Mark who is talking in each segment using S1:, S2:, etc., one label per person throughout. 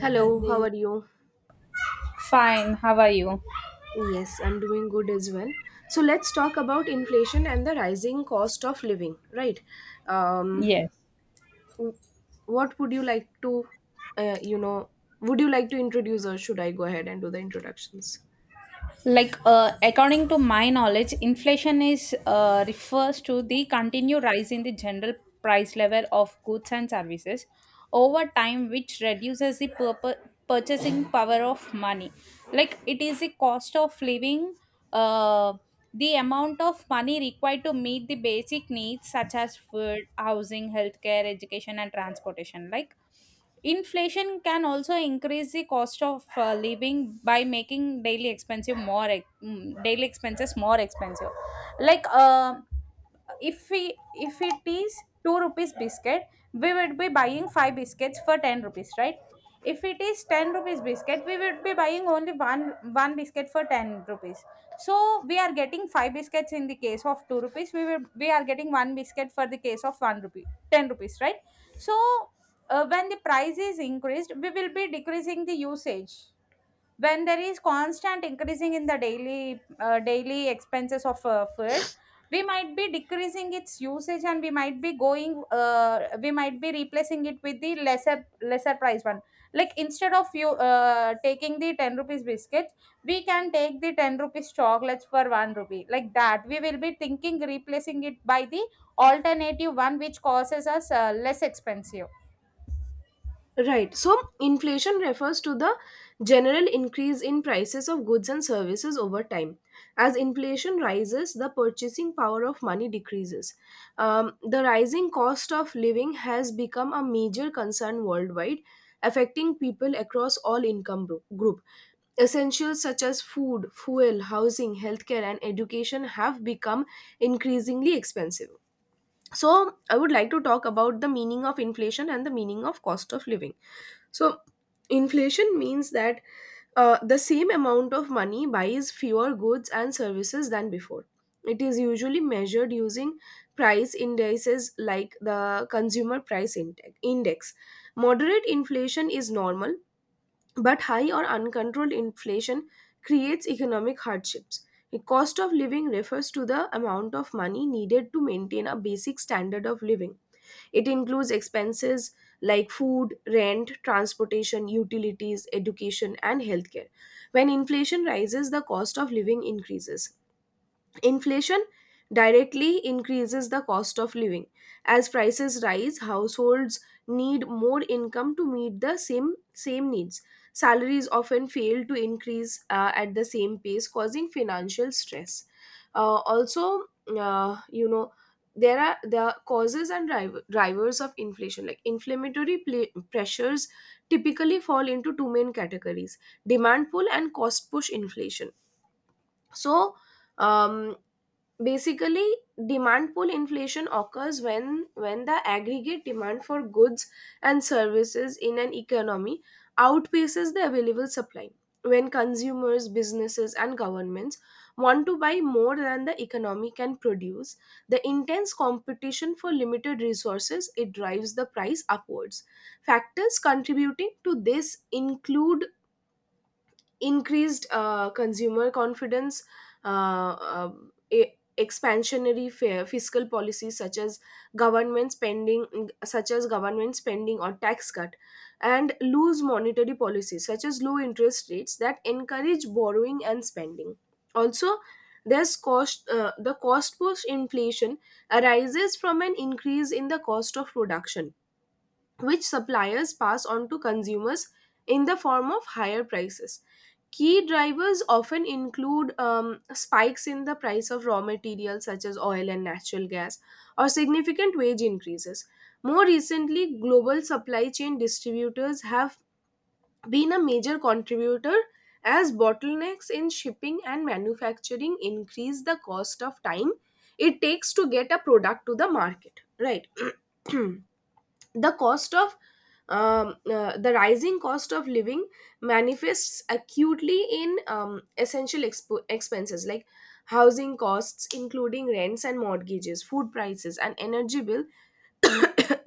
S1: Hello, how are you?
S2: Fine, how are you?
S1: Yes, I'm doing good as well. So let's talk about inflation and the rising cost of living, right? Um,
S2: Yes.
S1: w- what would you like to, you know, would you like to introduce, or should I go ahead and do the introductions?
S2: According to my knowledge, inflation is refers to the continued rise in the general price level of goods and services over time, which reduces the purchasing power of money. Like, it is the cost of living, uh, the amount of money required to meet the basic needs such as food, housing, healthcare, education, and transportation. Like, inflation can also increase the cost of living by making daily expensive more ex- mm, daily expenses more expensive. Like uh, if it is two rupees biscuit, we would be buying five biscuits for ten rupees, right? If it is ten rupees biscuit, we would be buying only one biscuit for ten rupees. So we are getting five biscuits in the case of two rupees. We are getting one biscuit for the case of one rupee ten rupees, right? So when the price is increased, we will be decreasing the usage when there is constant increasing in the daily expenses of food. We might be decreasing its usage, and we might be going we might be replacing it with the lesser price one. Like instead of you taking the 10 rupees biscuits, we can take the 10 rupees chocolates for 1 rupee. Like that, we will be thinking replacing it by the alternative one which causes us less expensive.
S1: Right. So inflation refers to the general increase in prices of goods and services over time. As inflation rises, the purchasing power of money decreases. The rising cost of living has become a major concern worldwide, affecting people across all income group. Essentials such as food, fuel, housing, healthcare, and education have become increasingly expensive. So I would like to talk about the meaning of inflation and the meaning of cost of living. So inflation means that the same amount of money buys fewer goods and services than before. It is usually measured using price indices like the consumer price index. Moderate inflation is normal, but high or uncontrolled inflation creates economic hardships. The cost of living refers to the amount of money needed to maintain a basic standard of living. It includes expenses like food, rent, transportation, utilities, education, and healthcare. When inflation rises, the cost of living increases. Inflation directly increases the cost of living. As prices rise, households need more income to meet the same needs. Salaries often fail to increase at the same pace, causing financial stress. Also, you know, there are the causes and drivers of inflation. Like inflammatory pressures typically fall into two main categories: demand pull and cost push inflation. So, um, Basically, demand pull inflation occurs when the aggregate demand for goods and services in an economy outpaces the available supply. When consumers, businesses and governments want to buy more than the economy can produce, the intense competition for limited resources, it drives the price upwards. Factors contributing to this include increased consumer confidence, uh, uh, expansionary fiscal policies such as government spending, such as government spending or tax cut, and loose monetary policies such as low interest rates that encourage borrowing and spending. Also, there's cost the cost push inflation, arises from an increase in the cost of production which suppliers pass on to consumers in the form of higher prices. Key drivers often include spikes in the price of raw materials such as oil and natural gas, or significant wage increases. More recently, global supply chain distributors have been a major contributor as bottlenecks in shipping and manufacturing increase the cost of time it takes to get a product to the market, right? The cost of the rising cost of living manifests acutely in essential expo expenses like housing costs including rents and mortgages, food prices and energy bill.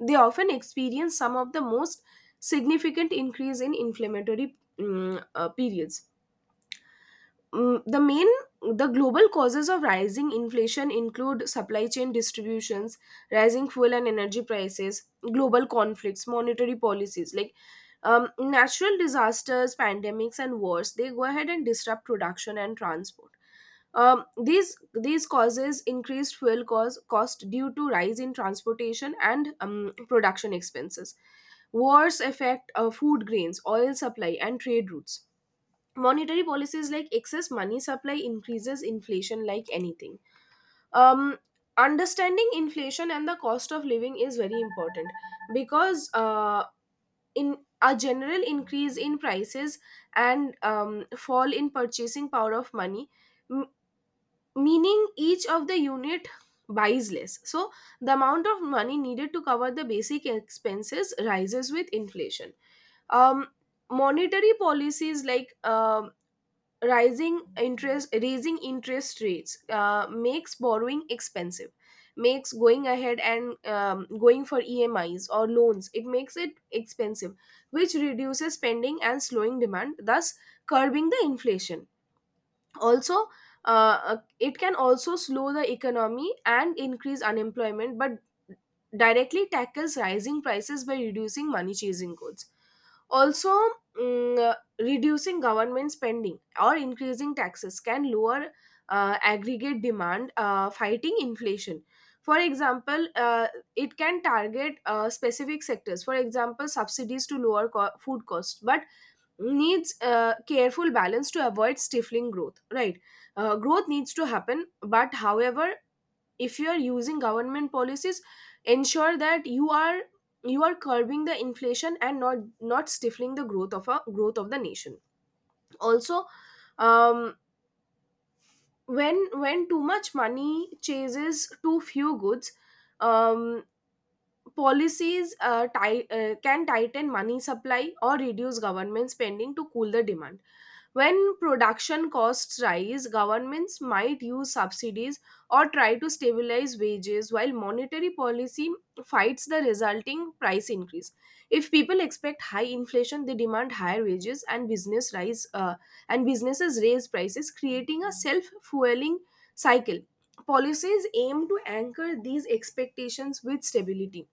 S1: They often experience some of the most significant increase in inflammatory periods. Mm, the main the global causes of rising inflation include supply chain distributions, rising fuel and energy prices, global conflicts, monetary policies like natural disasters, pandemics and wars. They go ahead and disrupt production and transport. These causes increased fuel cost due to rise in transportation and production expenses. Wars affect food grains, oil supply and trade routes. Monetary policies like excess money supply increases inflation like anything. um Understanding inflation and the cost of living is very important, because in a general increase in prices and fall in purchasing power of money, m- meaning each of the unit buys less. So the amount of money needed to cover the basic expenses rises with inflation. Um monetary policies like rising interest raising interest rates makes borrowing expensive, makes going ahead and going for emis or loans, it makes it expensive, which reduces spending and slowing demand, thus curbing the inflation. Also, it can also slow the economy and increase unemployment, but directly tackles rising prices by reducing money chasing goods. Also, reducing government spending or increasing taxes can lower aggregate demand, fighting inflation. For example, it can target specific sectors. For example, subsidies to lower food costs, but needs careful balance to avoid stifling growth, right? Growth needs to happen, but however, if you are using government policies, ensure that you are, you are curbing the inflation and not stifling the growth of a growth of the nation. Also, um, when too much money chases too few goods, um, policies can tighten money supply or reduce government spending to cool the demand. When production costs rise, governments might use subsidies or try to stabilize wages while monetary policy fights the resulting price increase. If people expect high inflation, they demand higher wages and business rise and businesses raise prices, creating a self-fueling cycle. Policies aim to anchor these expectations with stability.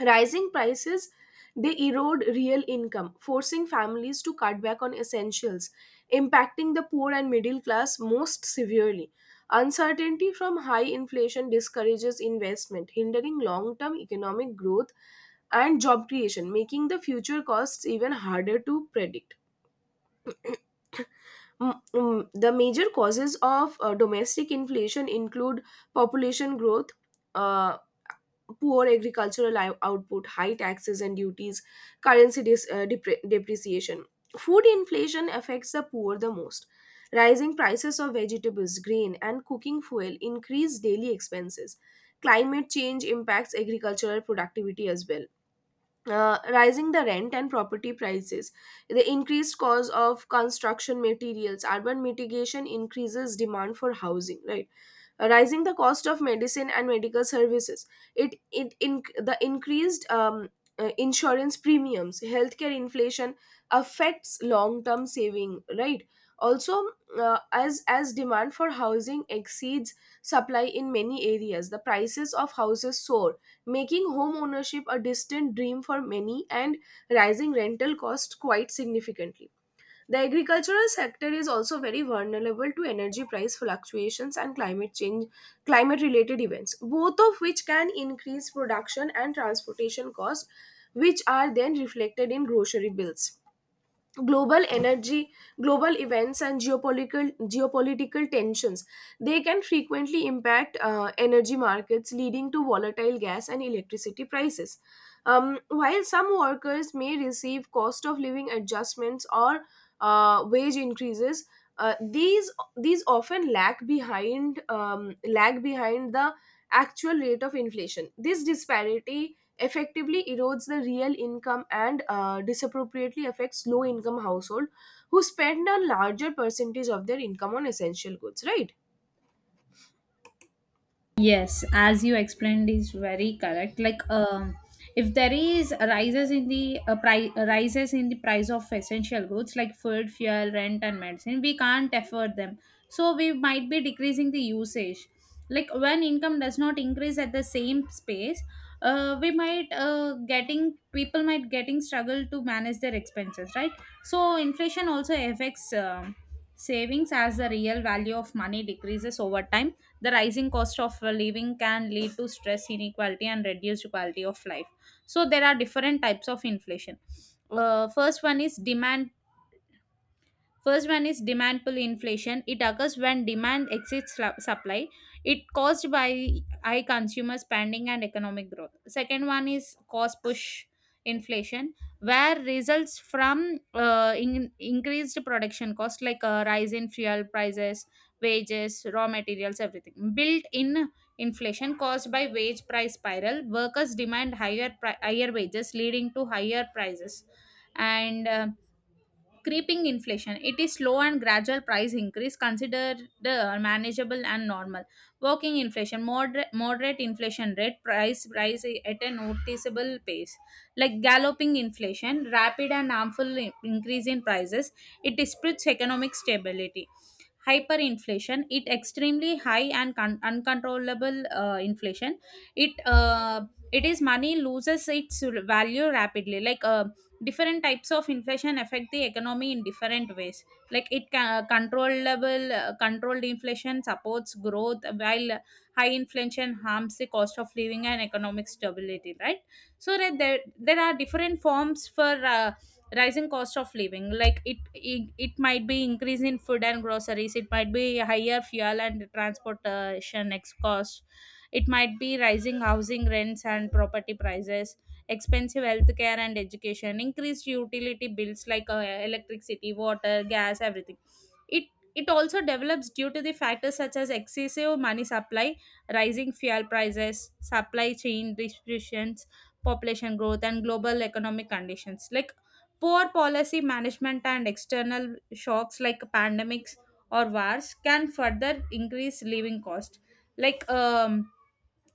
S1: Rising prices, they erode real income, forcing families to cut back on essentials, impacting the poor and middle class most severely. Uncertainty from high inflation discourages investment, hindering long term economic growth and job creation, making the future costs even harder to predict. The major causes of domestic inflation include population growth, uh, poor agricultural output, high taxes and duties, currency depreciation. Food inflation affects the poor the most. Rising prices of vegetables, grain, and cooking fuel increase daily expenses. Climate change impacts agricultural productivity as well. Rising the rent and property prices, the increased cost of construction materials, urban mitigation increases demand for housing, right? Rising the cost of medicine and medical services, it it in the increased insurance premiums, healthcare inflation affects long term saving, right? Also, as demand for housing exceeds supply in many areas, the prices of houses soar, making home ownership a distant dream for many, and rising rental costs quite significantly. The agricultural sector is also very vulnerable to energy price fluctuations and climate related events, both of which can increase production and transportation costs, which are then reflected in grocery bills. Global energy global events and geopolitical tensions, they can frequently impact energy markets, leading to volatile gas and electricity prices. While some workers may receive cost of living adjustments or wage increases, uh, these these often lag behind the actual rate of inflation. This disparity effectively erodes the real income and disappropriately affects low income household, who spend a larger percentage of their income on essential goods, right?
S2: Yes, as you explained, is very correct. If there is rises in the price of essential goods like food, fuel, rent, and medicine, we can't afford them. So we might be decreasing the usage. Like when income does not increase at the same space, we might getting people might getting struggle to manage their expenses, right? So inflation also affects savings as the real value of money decreases over time. The rising cost of living can lead to stress, inequality, and reduced quality of life. So there are different types of inflation. Uh, first one is demand First one is demand pull inflation. It occurs when demand exceeds supply. It caused by high consumer spending and economic growth. Second one is cost push inflation, where results from increased production cost like rise in fuel prices, wages, raw materials, everything. Built-in inflation caused by wage price spiral. Workers demand higher wages, leading to higher prices and. Creeping inflation, it is slow and gradual price increase considered manageable and normal. Working inflation, moderate inflation rate price rise at a noticeable pace. Like galloping inflation, rapid and harmful increase in prices, it disputes economic stability. Hyperinflation, it extremely high and uncontrollable inflation. it uh, it is money loses its value rapidly. Different types of inflation affect the economy in different ways. Like it can controllable controlled inflation supports growth, while high inflation harms the cost of living and economic stability, right? So that there are different forms for rising cost of living. Like it might be increase in food and groceries, it might be higher fuel and transportation ex cost, it might be rising housing rents and property prices, expensive healthcare and education, increased utility bills like electricity, water, gas, everything. It it also develops due to the factors such as excessive money supply, rising fuel prices, supply chain disruptions, population growth, and global economic conditions. Like poor policy management and external shocks like pandemics or wars can further increase living cost. Like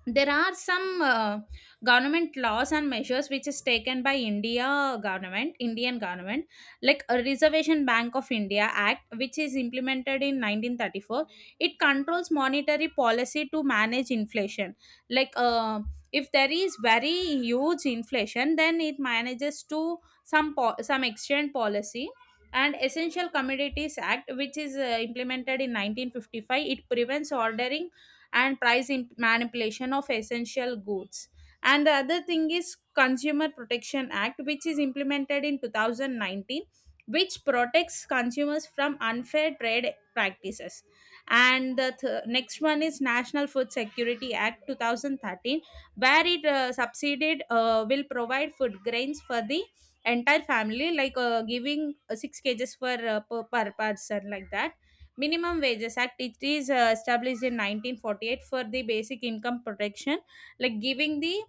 S2: there are some Government laws and measures which is taken by indian government, like a reservation bank of india act which is implemented in 1934, it controls monetary policy to manage inflation. like uh, if there is very huge inflation, then it manages to some exchange policy. And essential commodities act, which is implemented in 1955, it prevents ordering and manipulation of essential goods. And the other thing is Consumer Protection Act, which is implemented in 2019, which protects consumers from unfair trade practices. And the next one is National Food Security Act 2013, where it subsidized will provide food grains for the entire family, like giving six kgs for per person. Like that, Minimum Wages Act, it is established in 1948 for the basic income protection, like giving the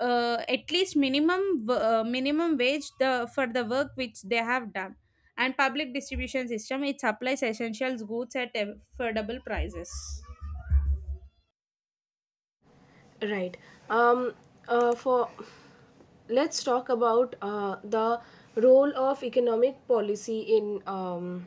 S2: at least minimum wage the for the work which they have done. And public distribution system, it supplies essentials goods at affordable prices.
S1: Right. um for Let's talk about the role of economic policy in um,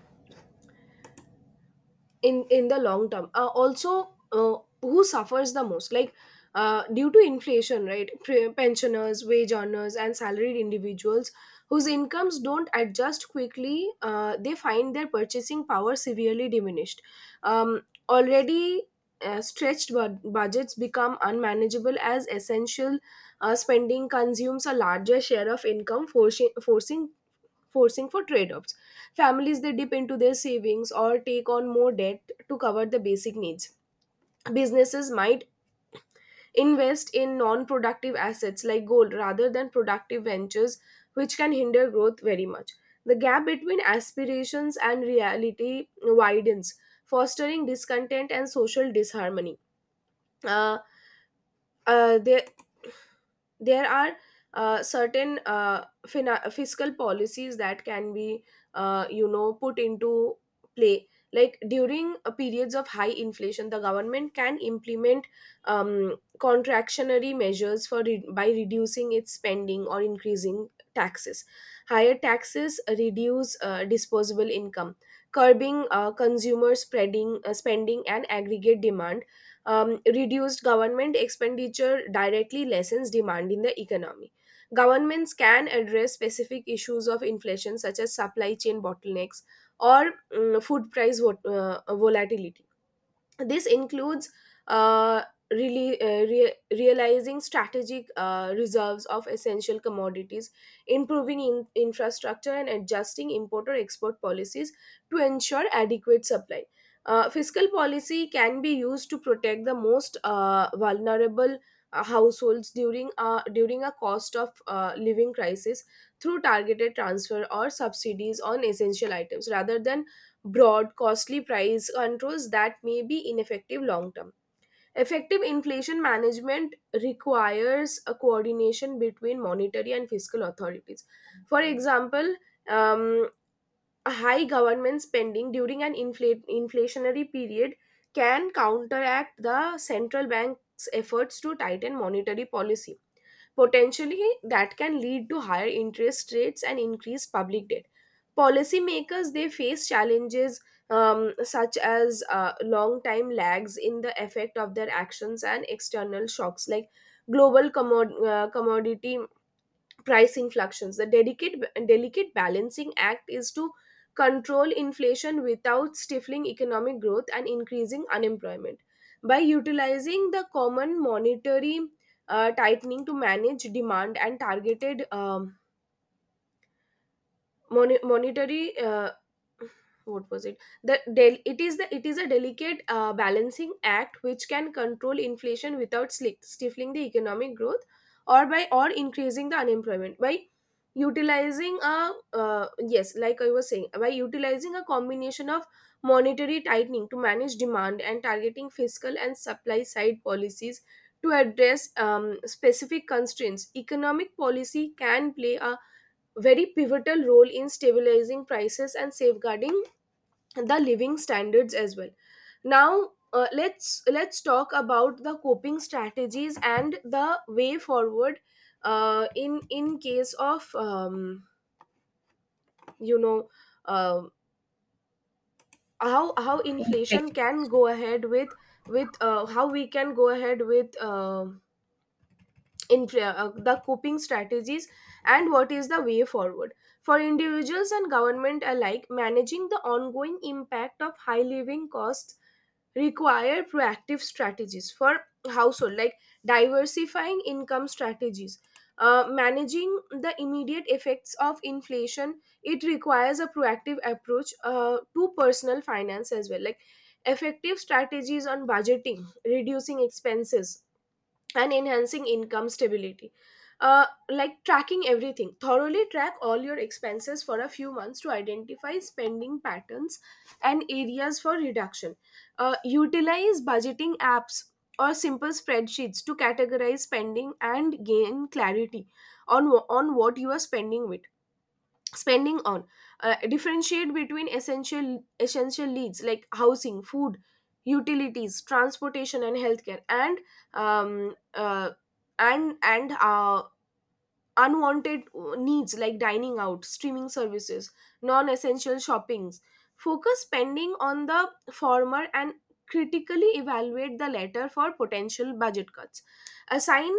S1: in in the long term. Also Who suffers the most? Like, due to inflation, right? Pensioners, wage earners and salaried individuals whose incomes don't adjust quickly, they find their purchasing power severely diminished. um, Already stretched budgets become unmanageable as essential spending consumes a larger share of income, forcing for trade-offs. Families, they dip into their savings or take on more debt to cover the basic needs. Businesses might invest in non-productive assets like gold rather than productive ventures, which can hinder growth very much. The gap between aspirations and reality widens, fostering discontent and social disharmony. Uh, uh, there there are certain fiscal policies that can be, you know, put into play. Like, during periods of high inflation, the government can implement contractionary measures for by reducing its spending or increasing taxes. Higher taxes reduce disposable income, curbing consumer spreading spending and aggregate demand. Reduced government expenditure directly lessens demand in the economy. Governments can address specific issues of inflation, such as supply chain bottlenecks or food price volatility. This includes uh, realizing strategic reserves of essential commodities, improving infrastructure and adjusting importer export policies to ensure adequate supply. Fiscal policy can be used to protect the most vulnerable households during during a cost of living crisis, through targeted transfer or subsidies on essential items rather than broad, costly price controls that may be ineffective long term. Effective inflation management requires a coordination between monetary and fiscal authorities. For example, um, high government spending during an inflationary period can counteract the central bank's efforts to tighten monetary policy. Potentially, that can lead to higher interest rates and increased public debt. Policymakers, they face challenges, such as long time lags in the effect of their actions and external shocks like global commodity pricing fluctuations. The delicate balancing act is to control inflation without stifling economic growth and increasing unemployment. By utilizing the common monetary tightening to manage demand and targeted mon- monetary what was it the del- it is a delicate balancing act which can control inflation without stifling the economic growth or by or increasing the unemployment by utilizing a uh, yes, like I was saying, by utilizing a combination of monetary tightening to manage demand and targeting fiscal and supply side policies to address specific constraints. Economic policy can play a very pivotal role in stabilizing prices and safeguarding the living standards as well. Now, let's talk about the coping strategies and the way forward, in case of you know uh, how inflation can go ahead with, how we can go ahead with the coping strategies and what is the way forward. For individuals and government alike, managing the ongoing impact of high living costs require proactive strategies for household, like diversifying income strategies. Managing the immediate effects of inflation, it requires a proactive approach to personal finance as well, like effective strategies on budgeting, reducing expenses, and enhancing income stability. Like tracking everything, thoroughly track all your expenses for a few months to identify spending patterns and areas for reduction. Utilize budgeting apps or simple spreadsheets to categorize spending and gain clarity on on what you are spending with, spending on. Differentiate between essential needs like housing, food, utilities, transportation, and healthcare, and um, uh, and and uh, unwanted needs like dining out, streaming services, non essential shoppings. Focus spending on the former and critically evaluate the latter for potential budget cuts. Assign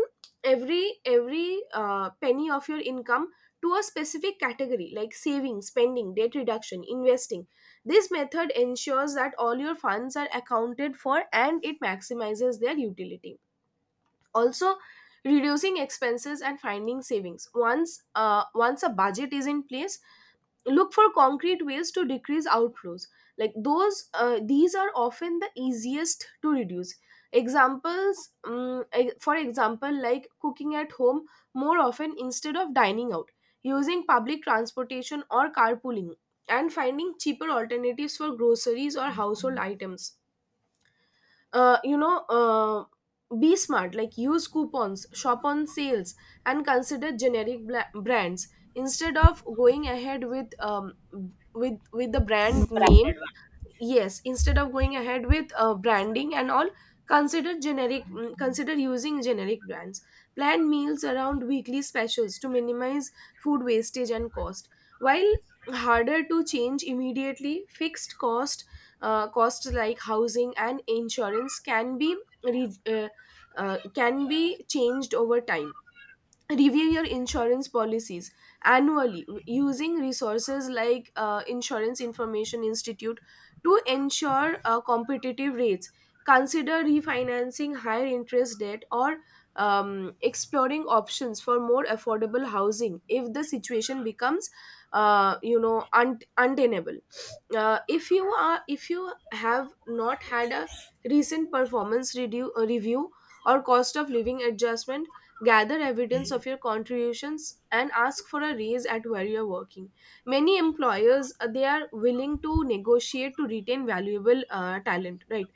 S1: every penny of your income to a specific category like saving, spending, debt reduction, investing. This method ensures that all your funds are accounted for and it maximizes their utility. Also, reducing expenses and finding savings. Once a budget is in place, look for concrete ways to decrease outflows, like those these are often the easiest to reduce. Examples, for example, like cooking at home more often instead of dining out, using public transportation or carpooling, and finding cheaper alternatives for groceries or household items. uh, you know uh, be smart, like use coupons, shop on sales, and consider generic brands instead of going ahead with with the brand name. Yes, instead of going ahead with branding and all, consider generic, consider using generic brands. Plan meals around weekly specials to minimize food wastage and cost. While harder to change immediately, fixed costs like housing and insurance can be re- uh, can be changed over time. Review your insurance policies annually using resources like insurance information institute to ensure competitive rates. Consider refinancing higher interest debt or exploring options for more affordable housing if the situation becomes untenable. If you are, if you have not had a recent performance review or cost of living adjustment, gather evidence of your contributions and ask for a raise at where you are working. Many employers, they are willing to negotiate to retain valuable talent, right?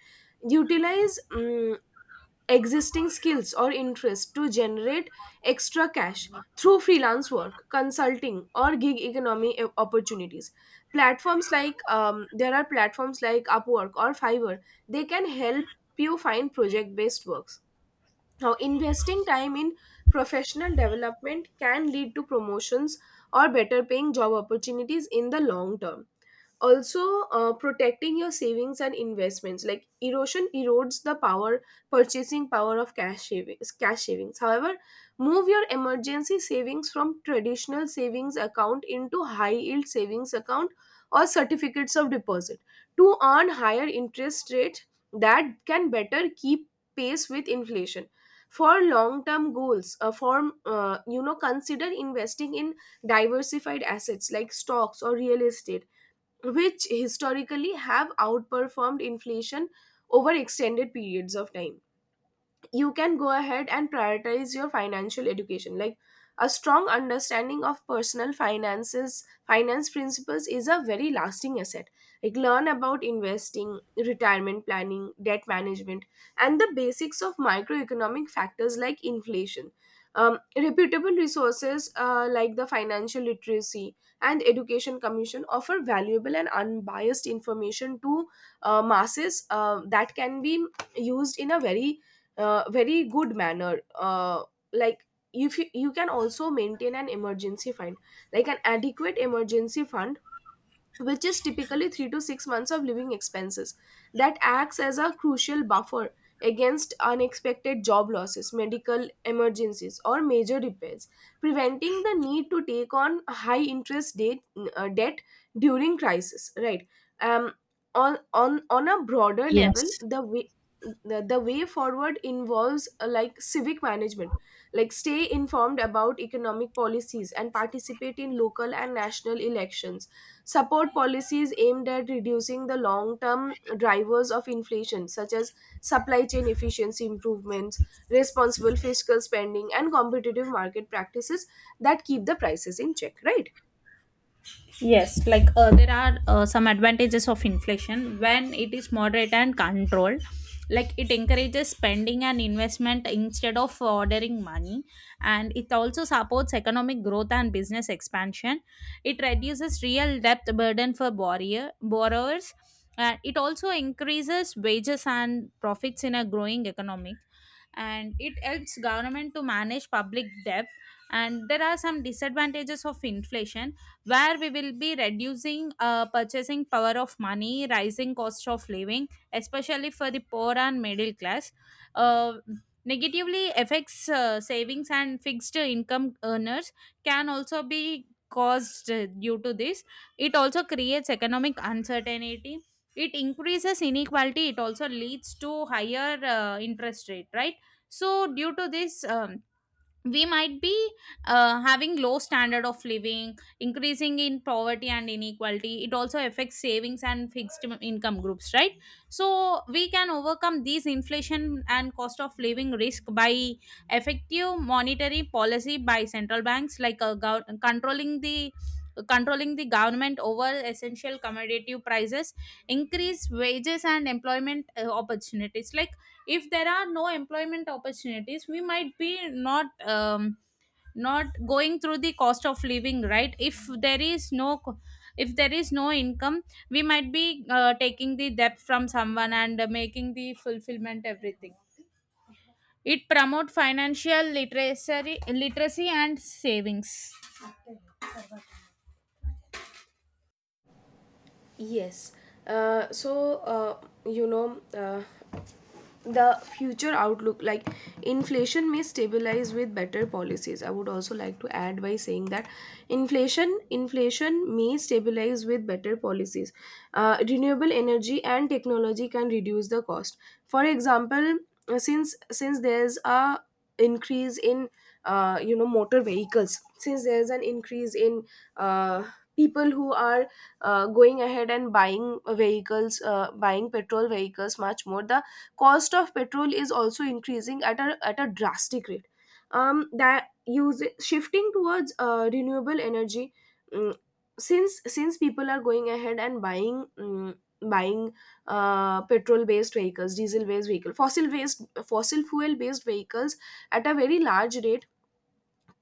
S1: Utilize existing skills or interests to generate extra cash through freelance work, consulting, or gig economy opportunities. Platforms like, there are platforms like Upwork or Fiverr, they can help you find project based works. Now, investing time in professional development can lead to promotions or better paying job opportunities in the long term. Also, protecting your savings and investments, like erosion erodes the power, purchasing power of cash savings, cash savings. However, move your emergency savings from traditional savings account into high yield savings account or certificates of deposit to earn higher interest rate that can better keep pace with inflation. For long term goals, form you know consider investing in diversified assets like stocks or real estate, which historically have outperformed inflation over extended periods of time. You can go ahead and prioritize your financial education, like a strong understanding of personal finance principles is a very lasting asset. Like learn about investing, retirement planning, debt management, and the basics of microeconomic factors like inflation. Reputable resources like the financial literacy and education commission offer valuable and unbiased information to masses that can be used in a very very good manner. Like if you, you can also maintain an emergency fund, like an adequate emergency fund, which is typically 3 to 6 months of living expenses, that acts as a crucial buffer against unexpected job losses, medical emergencies, or major repairs, preventing the need to take on high interest debt during crisis, right? um, on a broader level, the way, the way forward involves, like civic management, like stay informed about economic policies and participate in local and national elections. Support policies aimed at reducing the long term drivers of inflation, such as supply chain efficiency improvements, responsible fiscal spending, and competitive market practices that keep the prices in check, right?
S2: There are some advantages of inflation when it is moderate and controlled. Like it encourages spending and investment instead of ordering money, and it also supports economic growth and business expansion. It reduces real debt burden for borrowers, and it also increases wages and profits in a growing economy, and it helps government to manage public debt. And there are some disadvantages of inflation, where we will be reducing purchasing power of money, rising cost of living, especially for the poor and middle class. uh, Negatively affects savings and fixed income earners, can also be caused due to this. It also creates economic uncertainty, it increases inequality, it also leads to higher interest rate, right? So due to this we might be having low standard of living, increasing in poverty and inequality. It also affects savings and fixed income groups, right? So we can overcome these inflation and cost of living risk by effective monetary policy by central banks, like controlling the government over essential commodity prices, increase wages and employment opportunities. Like if there are no employment opportunities, we might be not going through the cost of living, right? If there is no income, we might be taking the debt from someone and making the fulfillment everything. It promote financial literacy and savings.
S1: Yes. Uh, so, uh, you know, uh, the future outlook, like inflation may stabilize with better policies. I would also like to add by saying that inflation may stabilize with better policies. Renewable energy and technology can reduce the cost. For example, since there's a increase in, motor vehicles, since there's an increase in uh, people who are going ahead and buying vehicles, buying petrol vehicles much more, the cost of petrol is also increasing at a, drastic rate. That use shifting towards renewable energy. mm, since people are going ahead and buying, buying petrol based vehicles, diesel based vehicle, fossil fuel based vehicles at a very large rate.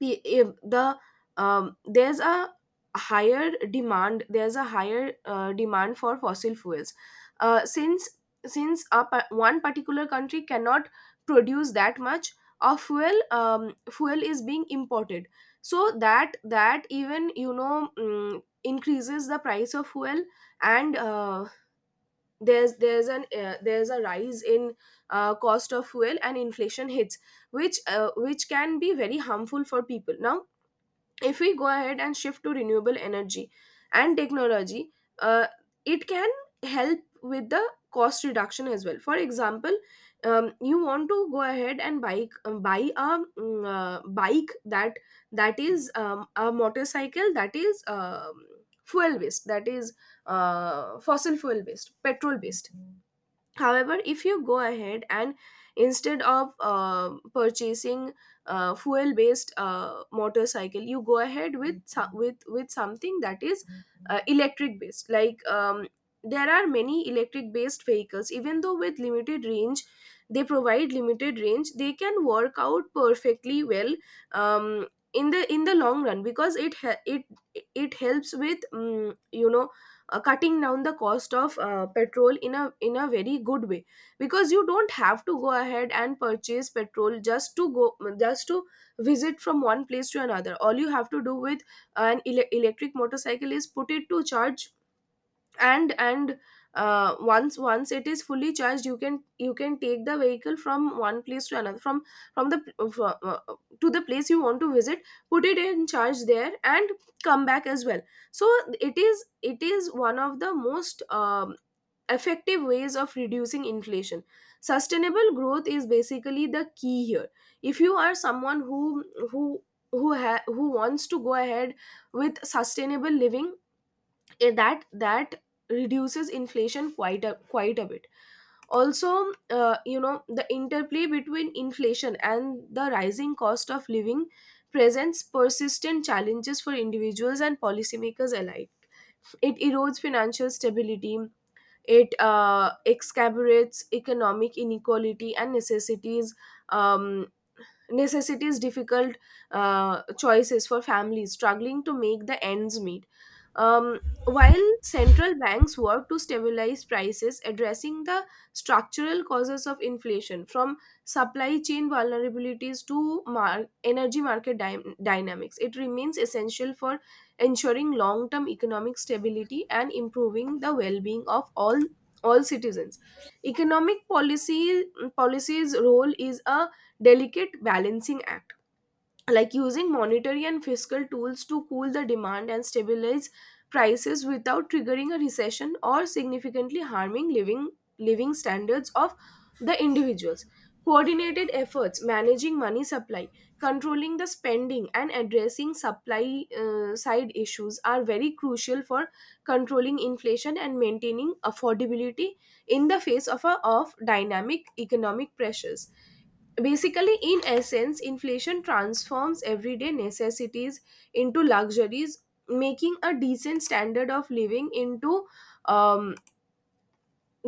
S1: If the, there's a higher demand, there's a higher demand for fossil fuels. Uh, since since a, one particular country cannot produce that much of fuel, fuel is being imported, so that, even, increases the price of fuel. And there's an there's a rise in cost of fuel and inflation hits, which can be very harmful for people. Now, if we go ahead and shift to renewable energy and technology, uh, it can help with the cost reduction as well. For example, you want to go ahead and bike buy a bike, that is, a motorcycle that is, fuel based, that is fossil fuel based, petrol based. However, if you go ahead and instead of purchasing fuel based motorcycle, you go ahead with with something that is electric based, like, there are many electric based vehicles, even though with limited range, they provide limited range, they can work out perfectly well um, in the, in the long run, because it it helps with, cutting down the cost of petrol in a, in a very good way, because you don't have to go ahead and purchase petrol just to go, just to visit from one place to another. All you have to do with an electric motorcycle is put it to charge, and once it is fully charged, you can, you can take the vehicle from one place to another, from the to the place you want to visit, put it in charge there and come back as well. So it is, it is one of the most, effective ways of reducing inflation. Sustainable growth is basically the key here. If you are someone who, who who who wants to go ahead with sustainable living, that reduces inflation quite a, quite a bit. Also, the interplay between inflation and the rising cost of living presents persistent challenges for individuals and policymakers alike. It erodes financial stability, it exacerbates economic inequality, and necessities, um, necessities difficult choices for families struggling to make the ends meet. While central banks work to stabilize prices, addressing the structural causes of inflation from supply chain vulnerabilities to energy market dynamics, it remains essential for ensuring long term economic stability and improving the well being of all citizens. Economic policy's role is a delicate balancing act, like using monetary and fiscal tools to cool the demand and stabilize prices without triggering a recession or significantly harming living standards of the individuals. Coordinated efforts, managing money supply, controlling the spending, and addressing supply side issues are very crucial for controlling inflation and maintaining affordability in the face of, a, of dynamic economic pressures. Basically, in essence, inflation transforms everyday necessities into luxuries, making a decent standard of living into, um,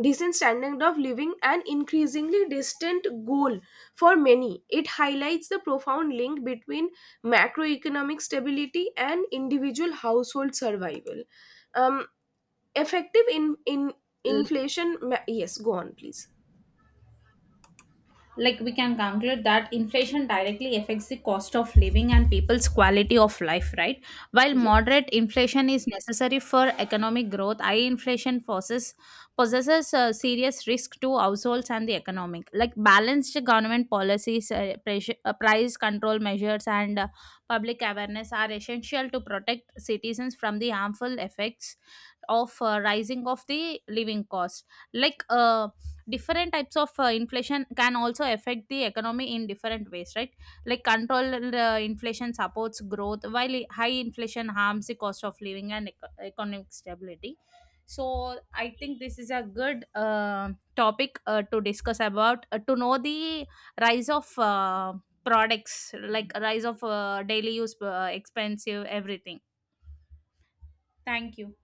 S1: decent standard of living an increasingly distant goal for many. It highlights the profound link between macroeconomic stability and individual household survival. Um, Effective in inflation. Yes, go on, please.
S2: Like we can conclude that inflation directly affects the cost of living and people's quality of life, right? While
S1: Yes.
S2: moderate inflation is necessary for economic growth, high inflation forces possesses a serious risk to households and the economic. Like balanced government policies, pressure, price control measures, and public awareness are essential to protect citizens from the harmful effects of rising of the living cost. like uh, different types of inflation can also affect the economy in different ways, right? Like controlled inflation supports growth, while high inflation harms the cost of living and economic stability. So I think this is a good topic to discuss about to know the rise of products, like rise of daily use expensive everything. Thank you.